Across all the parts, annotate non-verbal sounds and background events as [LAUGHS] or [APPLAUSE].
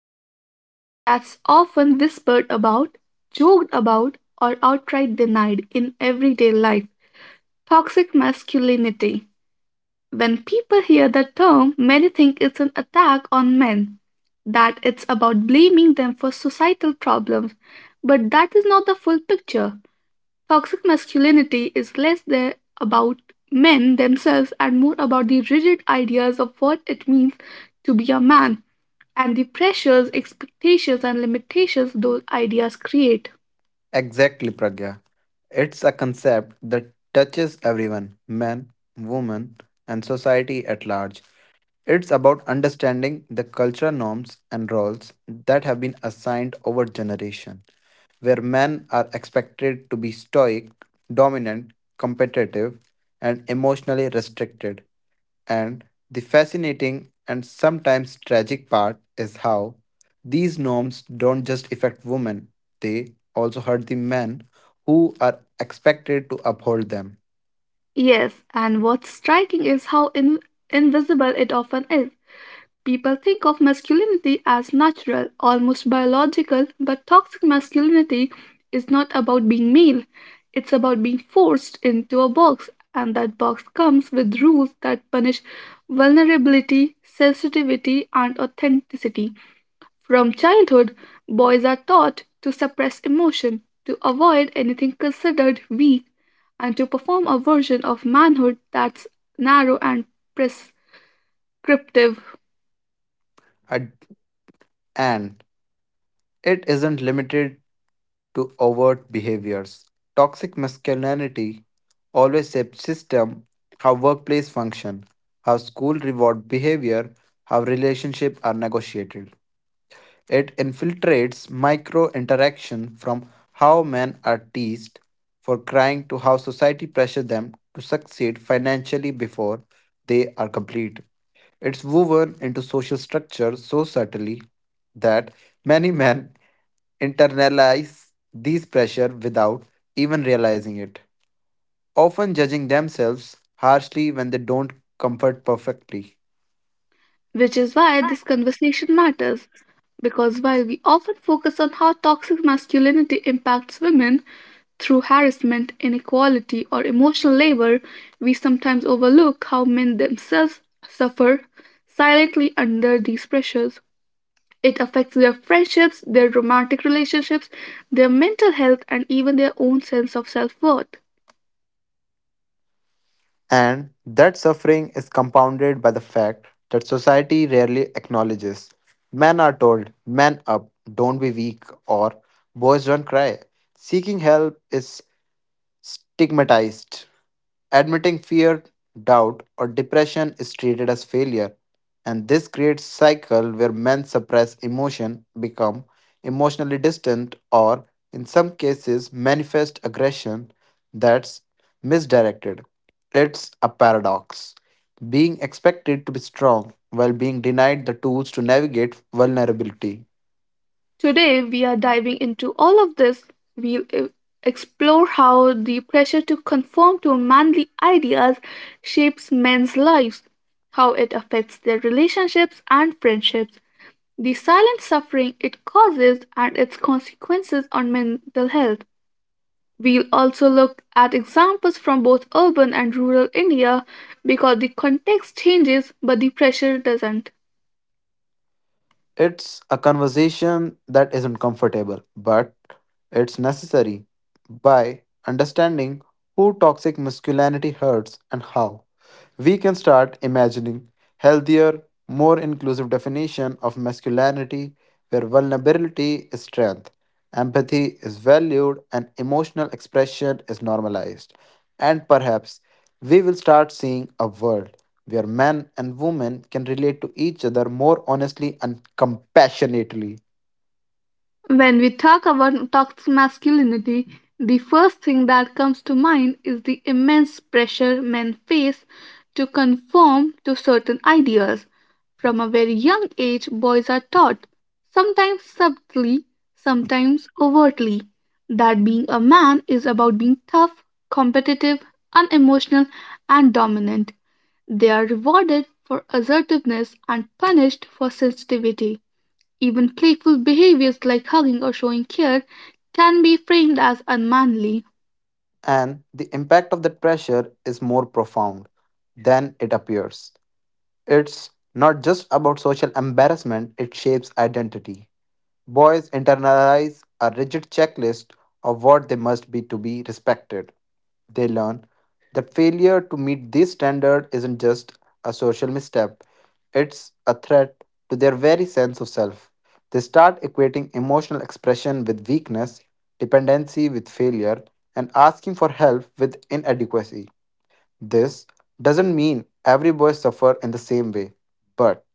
something that's often whispered about, joked about, or outright denied in everyday life: toxic masculinity. When people hear the term, many think it's an attack on men, that it's about blaming them for societal problems. But that is not the full picture. Toxic masculinity is less than about men themselves and more about the rigid ideas of what it means to be a man and the pressures, expectations, and limitations those ideas create. Exactly, Pragya. It's a concept that touches everyone men, women, and society at large. It's about understanding the cultural norms and roles that have been assigned over generation, where men are expected to be stoic, dominant, competitive, and emotionally restricted, and the fascinating and sometimes tragic part is how these norms don't just affect women, they also hurt the men who are expected to uphold them. Yes, and what's striking is how invisible it often is. People think of masculinity as natural, almost biological, but toxic masculinity is not about being male. It's about being forced into a box, and that box comes with rules that punish vulnerability, sensitivity, and authenticity. From childhood, boys are taught to suppress emotion, to avoid anything considered weak, and to perform a version of manhood that's narrow and prescriptive. And and it isn't limited to overt behaviors. Toxic masculinity always shapes system, how workplace function, how school reward behavior, how relationships are negotiated. It infiltrates micro interaction from how men are teased for crying to how society pressures them to succeed financially before they are complete. It's woven into social structure so subtly that many men internalize these pressure without even realizing it, often judging themselves harshly when they don't comfort perfectly. Which is why this conversation matters, because while we often focus on how toxic masculinity impacts women, through harassment, inequality, or emotional labor, we sometimes overlook how men themselves suffer silently under these pressures. It affects their friendships, their romantic relationships, their mental health, and even their own sense of self worth. And that suffering is compounded by the fact that society rarely acknowledges. Men are told, man up, don't be weak, or boys don't cry. Seeking help is stigmatized. Admitting fear, doubt, or depression is treated as failure, and this creates cycle where men suppress emotion, become emotionally distant, or in some cases manifest aggression that's misdirected. It's a paradox. Being expected to be strong while being denied the tools to navigate vulnerability. Today, we are diving into all of this. We'll explore how the pressure to conform to manly ideas shapes men's lives, how it affects their relationships and friendships, the silent suffering it causes, and its consequences on mental health. We'll also look at examples from both urban and rural India because the context changes but the pressure doesn't. It's a conversation that isn't comfortable, but it's necessary. By understanding who toxic masculinity hurts and how, we can start imagining healthier, more inclusive definition of masculinity where vulnerability is strength, empathy is valued and emotional expression is normalized. And perhaps we will start seeing a world where men and women can relate to each other more honestly and compassionately. When we talk about toxic masculinity, the first thing that comes to mind is the immense pressure men face to conform to certain ideas. From a very young age, boys are taught, sometimes subtly, sometimes overtly, that being a man is about being tough, competitive, unemotional, and dominant. They are rewarded for assertiveness and punished for sensitivity. Even playful behaviors like hugging or showing care can be framed as unmanly. And the impact of that pressure is more profound than it appears. It's not just about social embarrassment, it shapes identity. Boys internalize a rigid checklist of what they must be to be respected. They learn that failure to meet this standard isn't just a social misstep, it's a threat to their very sense of self. They start equating emotional expression with weakness, dependency with failure, and asking for help with inadequacy. This doesn't mean every boy suffer in the same way, but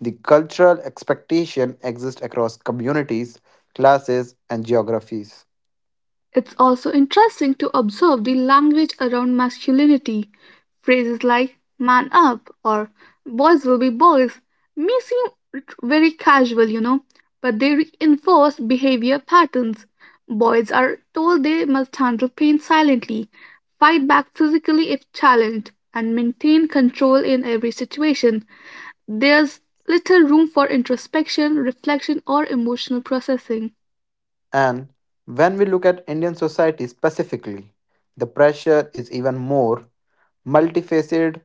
the cultural expectation exists across communities, classes, and geographies. It's also interesting to observe the language around masculinity. Phrases like man up or boys will be boys may seem very casual, you know, but they reinforce behavior patterns. Boys are told they must handle pain silently, fight back physically if challenged, and maintain control in every situation. There's little room for introspection, reflection, or emotional processing. And when we look at Indian society specifically, the pressure is even more multifaceted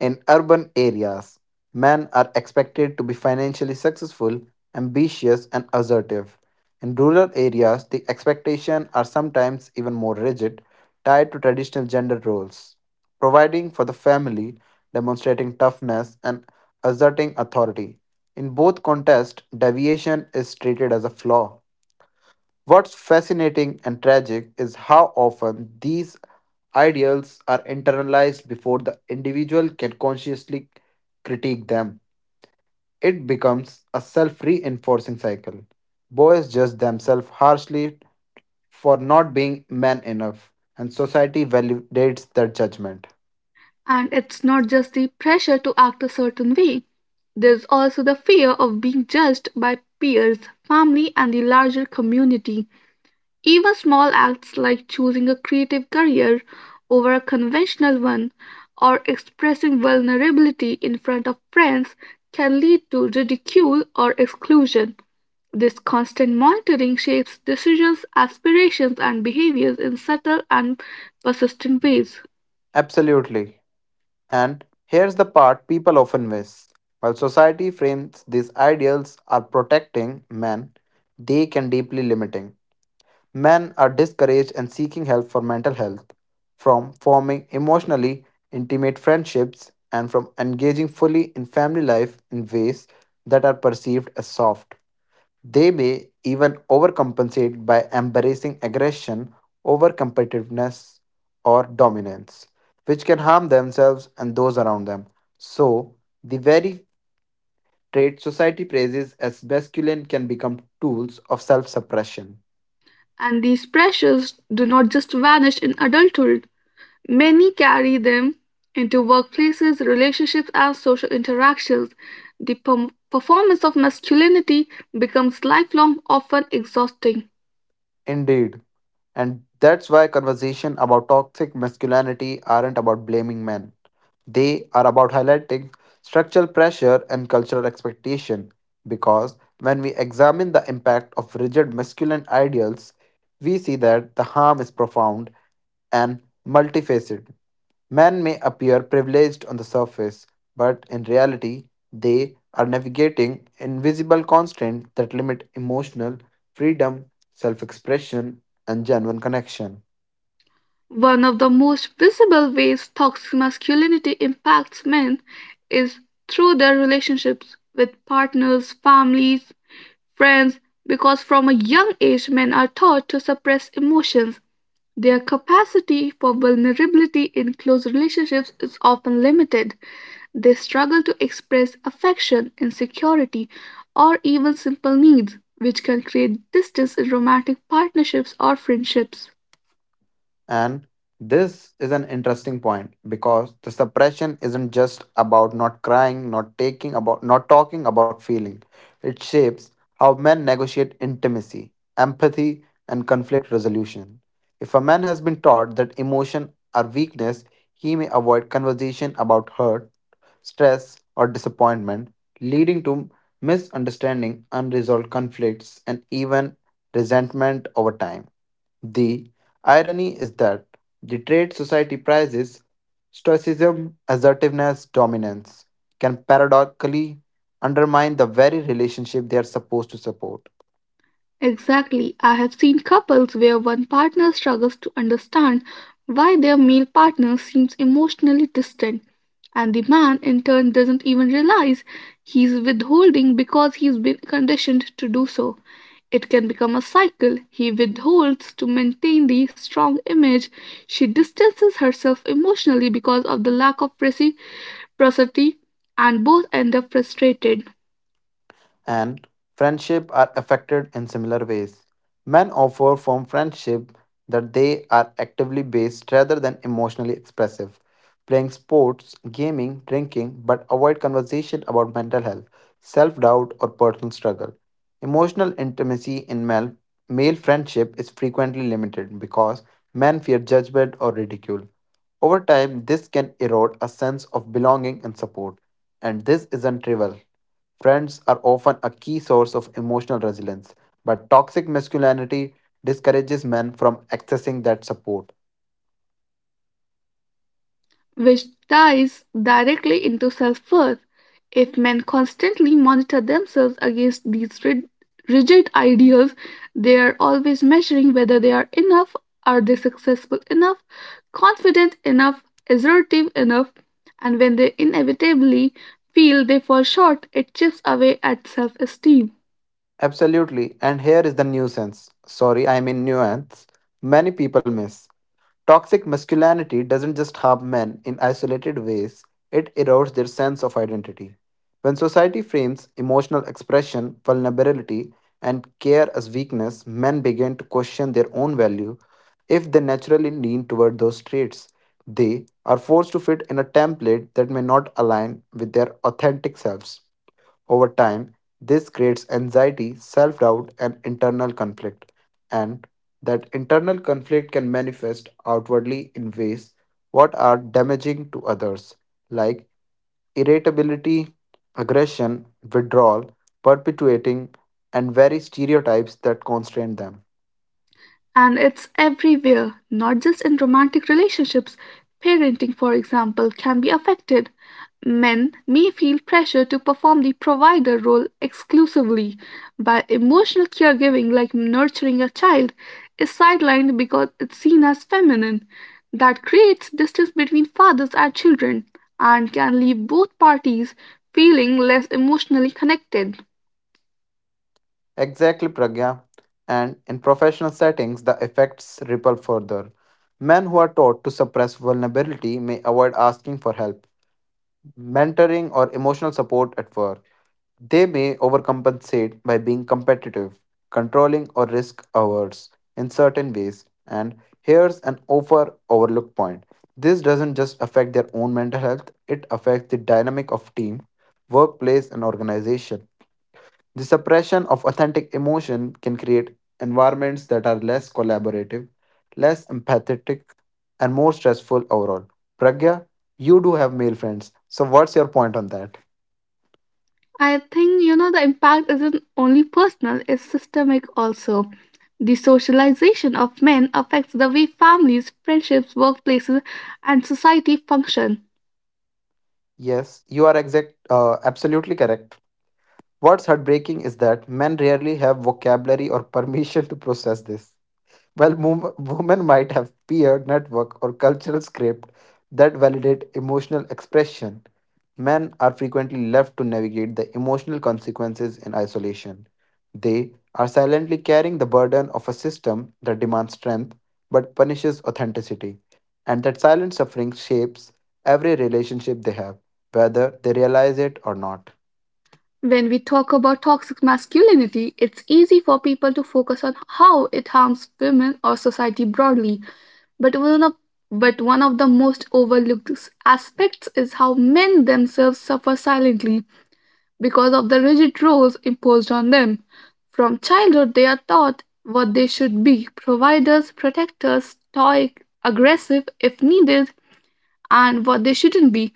in urban areas. Men are expected to be financially successful, ambitious, and assertive. In rural areas, the expectations are sometimes even more rigid, tied to traditional gender roles, providing for the family, demonstrating toughness, and asserting authority. In both contexts, deviation is treated as a flaw. What's fascinating and tragic is how often these ideals are internalized before the individual can consciously critique them. It becomes a self reinforcing cycle. Boys judge themselves harshly for not being man enough, and society validates their judgment. And it's not just the pressure to act a certain way, there's also the fear of being judged by peers, family, and the larger community. Even small acts like choosing a creative career over a conventional one or expressing vulnerability in front of friends can lead to ridicule or exclusion. This constant monitoring shapes decisions, aspirations, and behaviors in subtle and persistent ways. Absolutely. And here's the part people often miss. While society frames these ideals as protecting men, they can deeply limiting. Men are discouraged and seeking help for mental health, from forming emotionally intimate friendships, and from engaging fully in family life in ways that are perceived as soft. They may even overcompensate by embracing aggression over competitiveness or dominance, which can harm themselves and those around them. So, the very traits society praises as masculine can become tools of self suppression. And these pressures do not just vanish in adulthood. Many carry them into workplaces, relationships, and social interactions. The performance of masculinity becomes lifelong, often exhausting. Indeed. And that's why conversation about toxic masculinity aren't about blaming men. They are about highlighting structural pressure and cultural expectation because when we examine the impact of rigid masculine ideals, we see that the harm is profound and multifaceted. Men may appear privileged on the surface, but in reality, they are navigating invisible constraints that limit emotional freedom self expression, and genuine connection. One of the most visible ways toxic masculinity impacts men is through their relationships with partners, families, friends, because from a young age men are taught to suppress emotions. Their capacity for vulnerability in close relationships is often limited. They struggle to express affection, insecurity, or even simple needs, which can create distance in romantic partnerships or friendships. And this is an interesting point because the suppression isn't just about not crying, not taking about not talking about feeling. It shapes how men negotiate intimacy, empathy, and conflict resolution. If a man has been taught that emotion are weakness, he may avoid conversation about hurt, stress, or disappointment, leading to misunderstanding, unresolved conflicts, and even resentment over time. The irony is that the trait society prizes, stoicism, assertiveness, dominance, can paradoxically undermine the very relationship they are supposed to support. Exactly. I have seen couples where one partner struggles to understand why their male partner seems emotionally distant, and the man in turn doesn't even realize he's withholding because he's been conditioned to do so. It can become a cycle. He withholds to maintain the strong image. She distances herself emotionally because of the lack of reciprocity, and both end up frustrated. And friendship are affected in similar ways. Men offer from friendship that they are actively based rather than emotionally expressive. Playing sports, gaming, drinking, but avoid conversation about mental health, self doubt, or personal struggle. Emotional intimacy in male, male friendship is frequently limited because men fear judgment or ridicule. Over time, this can erode a sense of belonging and support, and this isn't trivial. Friends are often a key source of emotional resilience, but toxic masculinity discourages men from accessing that support. Which ties directly into self worth. If men constantly monitor themselves against these rigid ideals, they are always measuring whether they are enough, are they successful enough, confident enough, assertive enough, and when they inevitably feel they fall short, it chips away at self esteem. Absolutely. And here is the nuisance. Sorry, I mean nuance. Many people miss. Toxic masculinity doesn't just harm men in isolated ways, it erodes their sense of identity. When society frames emotional expression, vulnerability, and care as weakness, men begin to question their own value if they naturally lean toward those traits. They are forced to fit in a template that may not align with their authentic selves. Over time, this creates anxiety, self doubt, and internal conflict. And that internal conflict can manifest outwardly in ways what are damaging to others, like irritability, aggression, withdrawal, perpetuating, and very stereotypes that constrain them. And it's everywhere, not just in romantic relationships. Parenting, for example, can be affected. Men may feel pressure to perform the provider role exclusively, while emotional caregiving, like nurturing a child, is sidelined because it's seen as feminine. That creates distance between fathers and children and can leave both parties feeling less emotionally connected. Exactly, Pragya. And in professional settings, the effects ripple further. Men who are taught to suppress vulnerability may avoid asking for help mentoring, or emotional support at work. They may overcompensate by being competitive, controlling, or risk averse in certain ways. And here's an overlooked point. This doesn't just affect their own mental health, it affects the dynamic of team, workplace, and organization. The suppression of authentic emotion can create environments that are less collaborative, less empathetic, and more stressful overall. Pragya, you do have male friends. So, what's your point on that? I think you know the impact isn't only personal, it's systemic also. The socialization of men affects the way families, friendships, workplaces, and society function. Yes, you are exact, absolutely correct. What's heartbreaking is that men rarely have vocabulary or [LAUGHS] permission to process this. While women might have peer network or cultural script that validate emotional expression, men are frequently left to navigate the emotional consequences in isolation. They are silently carrying the burden of a system that demands strength but punishes authenticity, and that silent suffering shapes every relationship they have, whether they realize it or not. When we talk about toxic masculinity, it's easy for people to focus on how it harms women or society broadly. But one of but one of the most overlooked aspects is how men themselves suffer silently because of the rigid roles imposed on them. From childhood, they are taught what they should be: providers, protectors, stoic, aggressive if needed, and what they shouldn't be: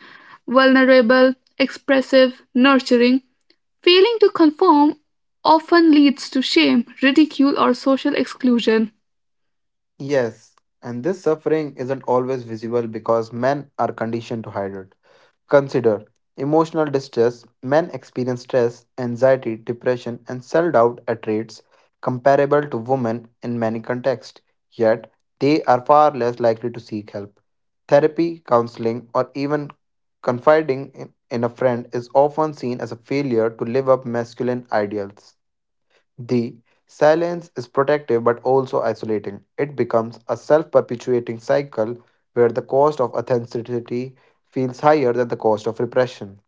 vulnerable, expressive, nurturing. Failing to conform often leads to shame, ridicule, or social exclusion. Yes, and this suffering isn't always visible because men are conditioned to hide it. Consider emotional distress. Men experience stress, anxiety, depression, and self doubt at rates comparable to women in many contexts, yet, they are far less likely to seek help. Therapy, counseling, or even confiding in a friend is often seen as a failure to live up masculine ideals. The silence is protective but also isolating. It becomes a self perpetuating cycle where the cost of authenticity feels higher than the cost of repression.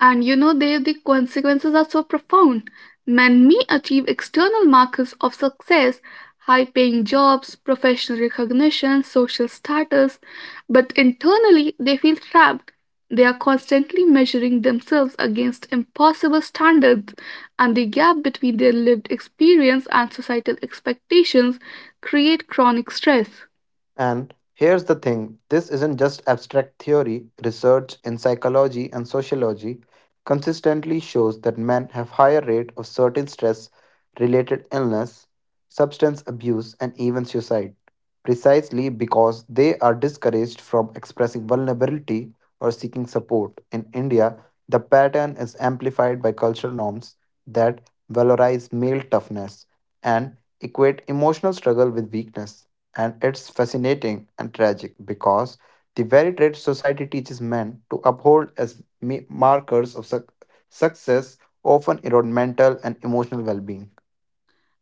And you know, there the consequences are so profound. Men may achieve external markers of success, high paying jobs, professional recognition, social status, but internally they feel trapped. They are constantly measuring themselves against impossible standards, and the gap between their lived experience and societal expectations create chronic stress. And here's the thing this isn't just abstract theory, research in psychology and sociology consistently shows that men have higher rate of certain stress related illness, substance abuse and even suicide precisely because they are discouraged from expressing vulnerability or seeking support. In India, the pattern is amplified by cultural norms that valorize male toughness and equate emotional struggle with weakness and it's fascinating and tragic because the very traits society teaches men to uphold as markers of success often erode mental and emotional well being.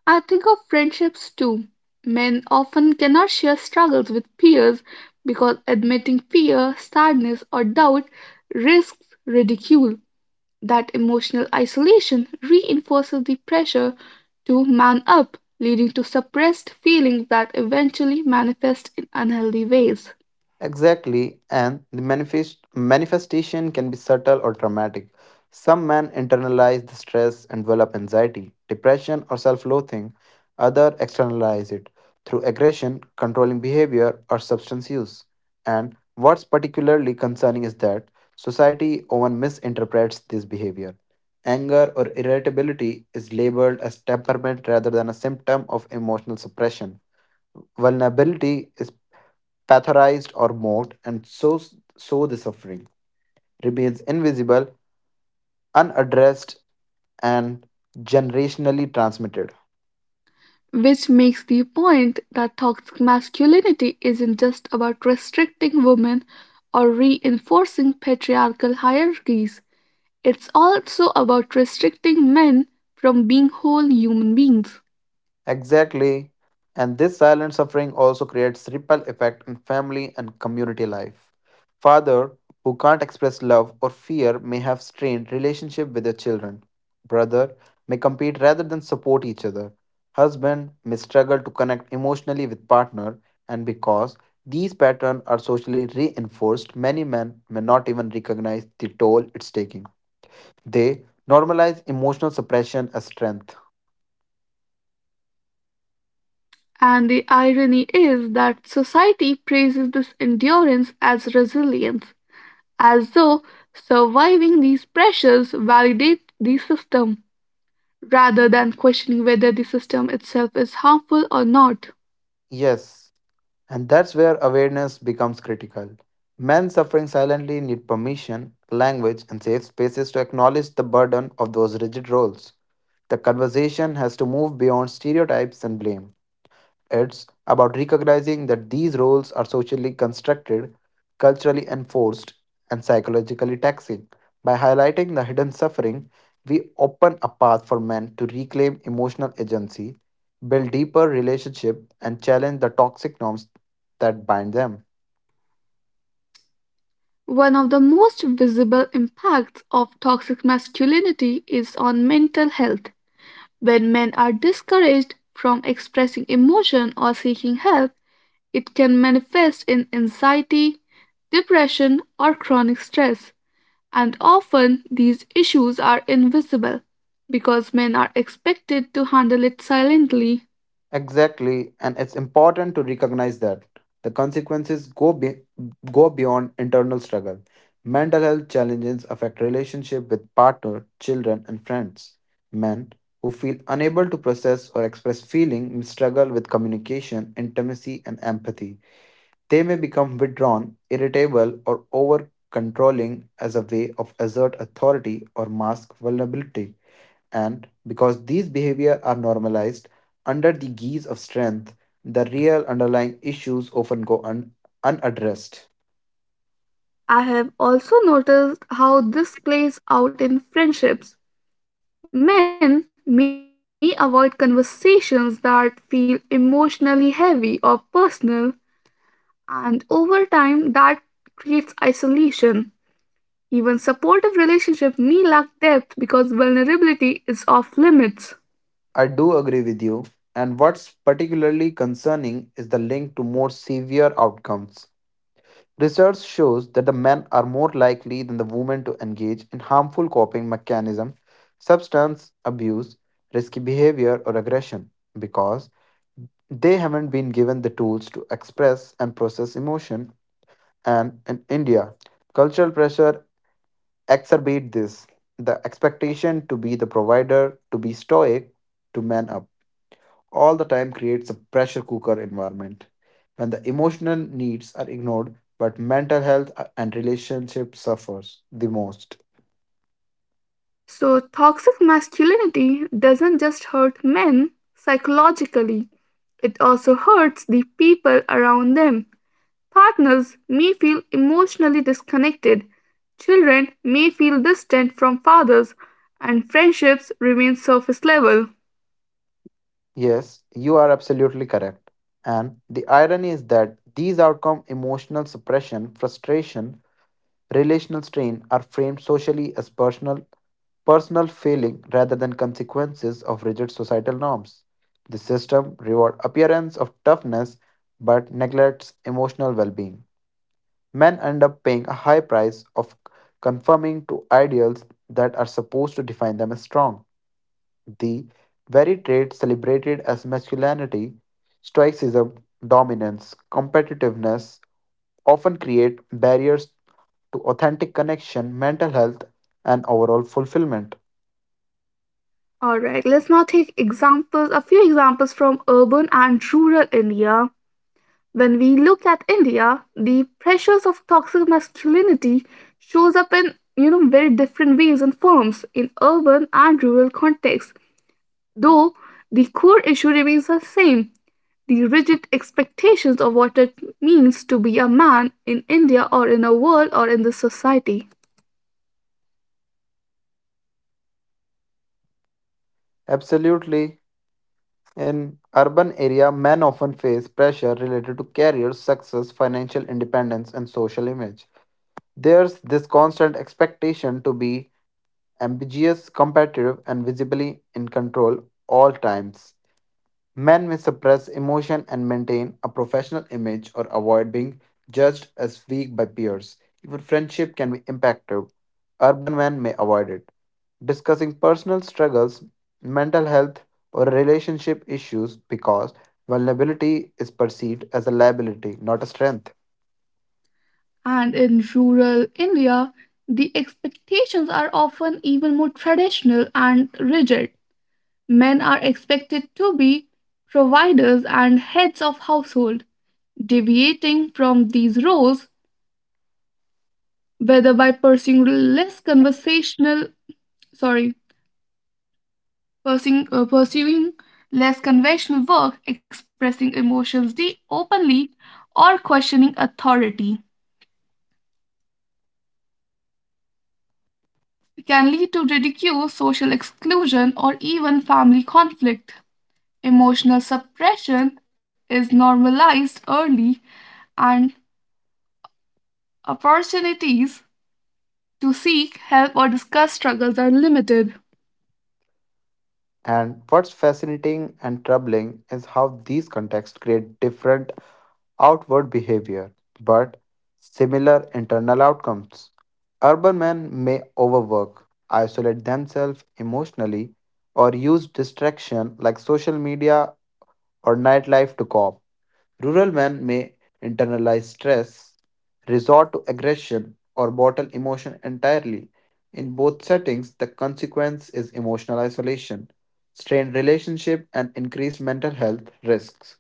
I think of friendships too. Men often cannot share struggles with peers because admitting fear, sadness, or doubt risks ridicule. That emotional isolation reinforces the pressure to man up, leading to suppressed feelings that eventually manifest in unhealthy ways. Exactly, and the manifestation can be subtle or dramatic. Some men internalize the stress and develop anxiety, depression, or self-loathing. Others externalize it through aggression, controlling behavior, or substance use. And what's particularly concerning is that society often misinterprets this behavior. Anger or irritability is labeled as temperament rather than a symptom of emotional suppression. Vulnerability is pathologized or mocked, and so the suffering remains invisible, unaddressed, and generationally transmitted. Which makes the point that toxic masculinity isn't just about restricting women or reinforcing patriarchal hierarchies. It's also about restricting men from being whole human beings. Exactly. And this silent suffering also creates ripple effect in family and community life. Father who can't express love or fear may have strained relationship with their children. Brother may compete rather than support each other. Husband may struggle to connect emotionally with partner and because these patterns are socially reinforced, many men may not even recognize the toll it's taking. They normalize emotional suppression as strength. And the irony is that society praises this endurance as resilience, as though surviving these pressures validates the system, rather than questioning whether the system itself is harmful or not. Yes, and that's where awareness becomes critical. Men suffering silently need permission, language, and safe spaces to acknowledge the burden of those rigid roles. The conversation has to move beyond stereotypes and blame. It's about recognizing that these roles are socially constructed, culturally enforced, and psychologically taxing. By highlighting the hidden suffering, we open a path for men to reclaim emotional agency, build deeper relationships, and challenge the toxic norms that bind them. One of the most visible impacts of toxic masculinity is on mental health. When men are discouraged from expressing emotion or seeking help, it can manifest in anxiety, depression, or chronic stress, and often these issues are invisible because men are expected to handle it silently. Exactly, and it's important to recognize that the consequences go beyond internal struggle. Mental health challenges affect relationship with partner, children, and friends. Men who feel unable to process or express feeling may struggle with communication, intimacy, and empathy. They may become withdrawn, irritable, or over controlling as a way of assert authority or mask vulnerability. And because these behavior are normalized under the guise of strength, the real underlying issues often go unaddressed. I have also noticed how this plays out in friendships. Men may avoid conversations that feel emotionally heavy or personal, and over time, that creates isolation. Even supportive relationships may lack depth because vulnerability is off limits. I do agree with you. And what's particularly concerning is the link to more severe outcomes. Research shows that the men are more likely than the women to engage in harmful coping mechanisms, substance abuse, risky behavior, or aggression because they haven't been given the tools to express and process emotion and in India. Cultural pressure exacerbate this. The expectation to be the provider, to be stoic, to man up, all the time creates a pressure cooker environment. When the emotional needs are ignored, but mental health and relationship suffers the most. So, toxic masculinity doesn't just hurt men psychologically, it also hurts the people around them. Partners may feel emotionally disconnected, children may feel distant from fathers, and friendships remain surface level. Yes, you are absolutely correct. And the irony is that these outcome emotional suppression, frustration, relational strain are framed socially as personal feeling rather than consequences of rigid societal norms. The system rewards appearance of toughness but neglects emotional well-being. Men end up paying a high price of conforming to ideals that are supposed to define them as strong. The very trait celebrated as masculinity, stoicism, dominance, competitiveness often create barriers to authentic connection, mental health, and overall fulfillment. Alright, let's now take examples, a few examples from urban and rural India. When we look at India, the pressures of toxic masculinity shows up in you know very different ways and forms in urban and rural contexts. Though the core issue remains the same, the rigid expectations of what it means to be a man in India or in a world or in the society. Absolutely. In urban area, men often face pressure related to career, success, financial independence, and social image. There's this constant expectation to be ambitious, competitive, and visibly in control all times. Men may suppress emotion and maintain a professional image or avoid being judged as weak by peers. Even friendship can be impacted. Urban men may avoid it. Discussing personal struggles, mental health, or relationship issues because vulnerability is perceived as a liability, not a strength. And in rural India, the expectations are often even more traditional and rigid. Men are expected to be providers and heads of household. Deviating from these roles, whether by pursuing less conversational, sorry, pursuing less conventional work, expressing emotions openly, or questioning authority, can lead to ridicule, social exclusion, or even family conflict. Emotional suppression is normalized early and opportunities to seek help or discuss struggles are limited. And what's fascinating and troubling is how these contexts create different outward behavior, but similar internal outcomes. Urban men may overwork, isolate themselves emotionally, or use distraction like social media or nightlife to cope. Rural men may internalize stress, resort to aggression, or bottle emotion entirely. In both settings, the consequence is emotional isolation, strained relationship, and increased mental health risks.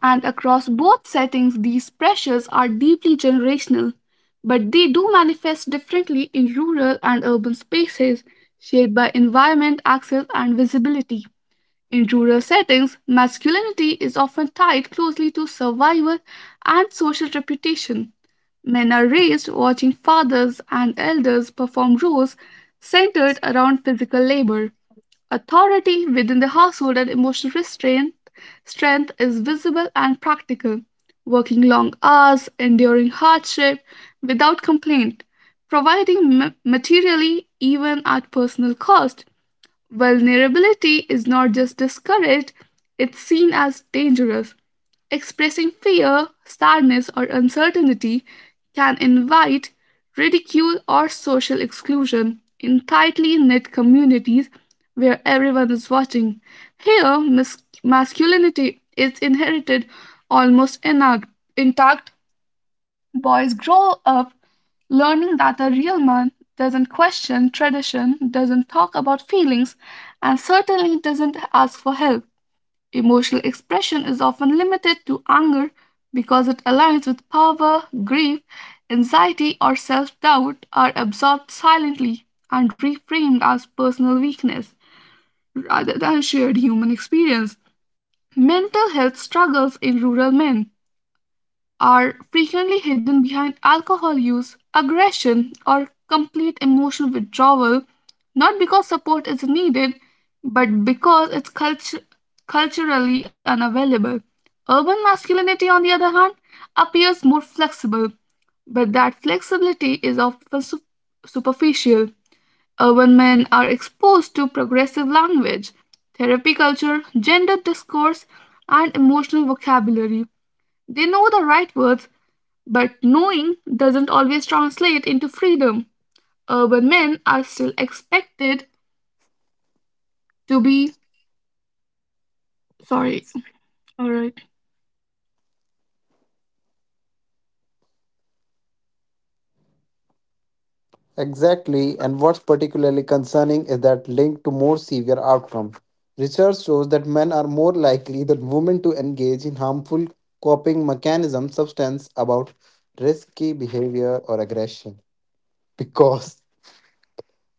And across both settings, these pressures are deeply generational, but they do manifest differently in rural and urban spaces, shaped by environment, access, and visibility. In rural settings, masculinity is often tied closely to survival and social reputation. Men are raised watching fathers and elders perform roles centered around physical labor, authority within the household and emotional restraint. Strength is visible and practical. Working long hours, enduring hardship without complaint, providing materially even at personal cost. Vulnerability is not just discouraged, it's seen as dangerous. Expressing fear, sadness, or uncertainty can invite ridicule or social exclusion in tightly knit communities where everyone is watching. Here, masculinity is inherited almost intact. Boys grow up learning that a real man doesn't question tradition, doesn't talk about feelings, and certainly doesn't ask for help. Emotional expression is often limited to anger because it aligns with power; grief, anxiety, or self doubt, are absorbed silently and reframed as personal weakness rather than shared human experience. Mental health struggles in rural men are frequently hidden behind alcohol use, aggression, or complete emotional withdrawal, not because support is needed, but because it's culturally unavailable. Urban masculinity, on the other hand, appears more flexible, but that flexibility is often superficial. Urban men are exposed to progressive language, therapy culture, gender discourse, and emotional vocabulary. They know the right words, but knowing doesn't always translate into freedom. Urban men are still expected to be sorry. All right. Exactly, and what's particularly concerning is that link to more severe outcomes. Research shows that men are more likely than women to engage in harmful coping mechanisms, substance about risky behavior or aggression, [LAUGHS] because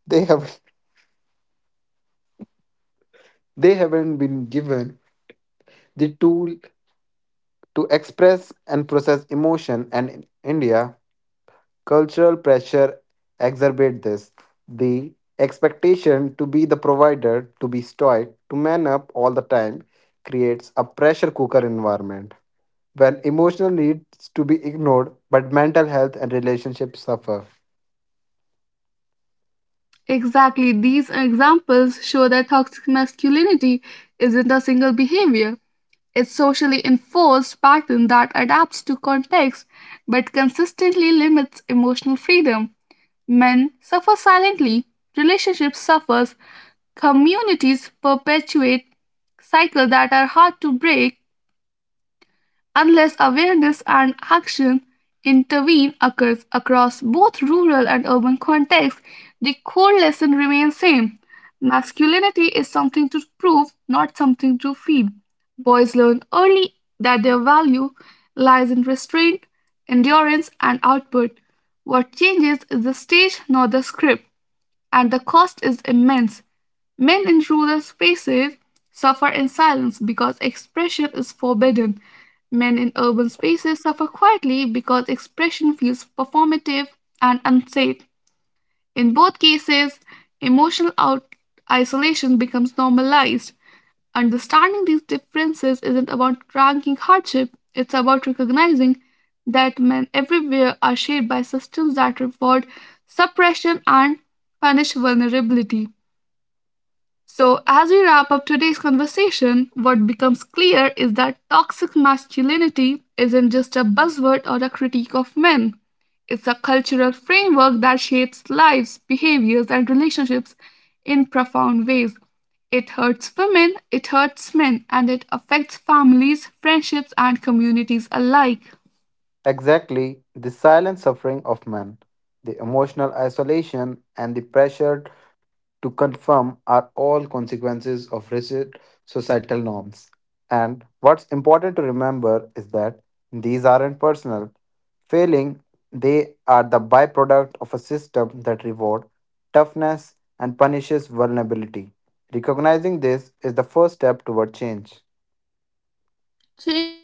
they have they haven't been given the tool to express and process emotion. And in India, cultural pressure exacerbate this. The expectation to be the provider, to be stoic, to man up all the time creates a pressure cooker environment when emotional needs to be ignored but mental health and relationships suffer. Exactly. These examples show that toxic masculinity isn't a single behavior. It's socially enforced pattern that adapts to context but consistently limits emotional freedom. Men suffer silently, relationships suffers, communities perpetuate cycles that are hard to break unless awareness and action intervene occurs. Across both rural and urban contexts the core lesson remains same: masculinity is something to prove, not something to feed. Boys learn early that their value lies in restraint, endurance, and output. What changes is the stage, not the script, and the cost is immense. Men in rural spaces suffer in silence because expression is forbidden. Men in urban spaces suffer quietly because expression feels performative and unsafe. In both cases, emotional out- isolation becomes normalized. Understanding these differences isn't about ranking hardship, it's about recognizing that men everywhere are shaped by systems that reward suppression and punish vulnerability. So, as we wrap up today's conversation, what becomes clear is that toxic masculinity isn't just a buzzword or a critique of men. It's a cultural framework that shapes lives, behaviors, and relationships in profound ways. It hurts women, it hurts men, and it affects families, friendships, and communities alike. Exactly the silent suffering of men, the emotional isolation and the pressure to confirm are all consequences of rigid societal norms. And what's important to remember is that these aren't personal. Failing, they are the byproduct of a system that rewards toughness and punishes vulnerability. Recognizing this is the first step toward change.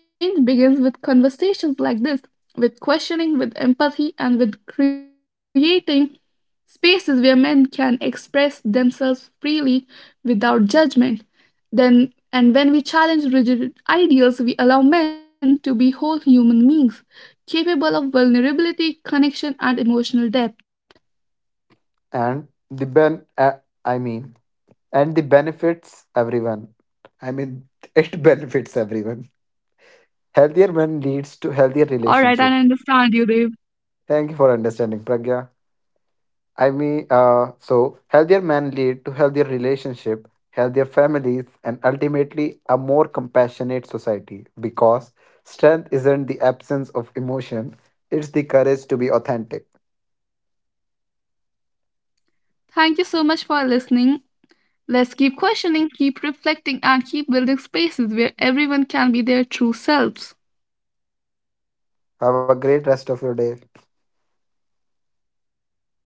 Change begins with conversations like this, with questioning, with empathy, and with creating spaces where men can express themselves freely without judgment. Then, and when we challenge rigid ideals, we allow men to be whole human beings, capable of vulnerability, connection, and emotional depth. And I mean, the benefits everyone. I mean, [LAUGHS] it benefits everyone. Healthier men leads All to right, I healthier understand relationships. you, Dave. Thank you for understanding, Pragya. So healthier men lead to healthier relationship, healthier families, and ultimately a more compassionate society. Because strength isn't the absence of emotion; it's the courage to be authentic. Thank you so much for listening. Let's keep questioning, keep reflecting, and keep building spaces where everyone can be their true selves. Have a great rest of your day.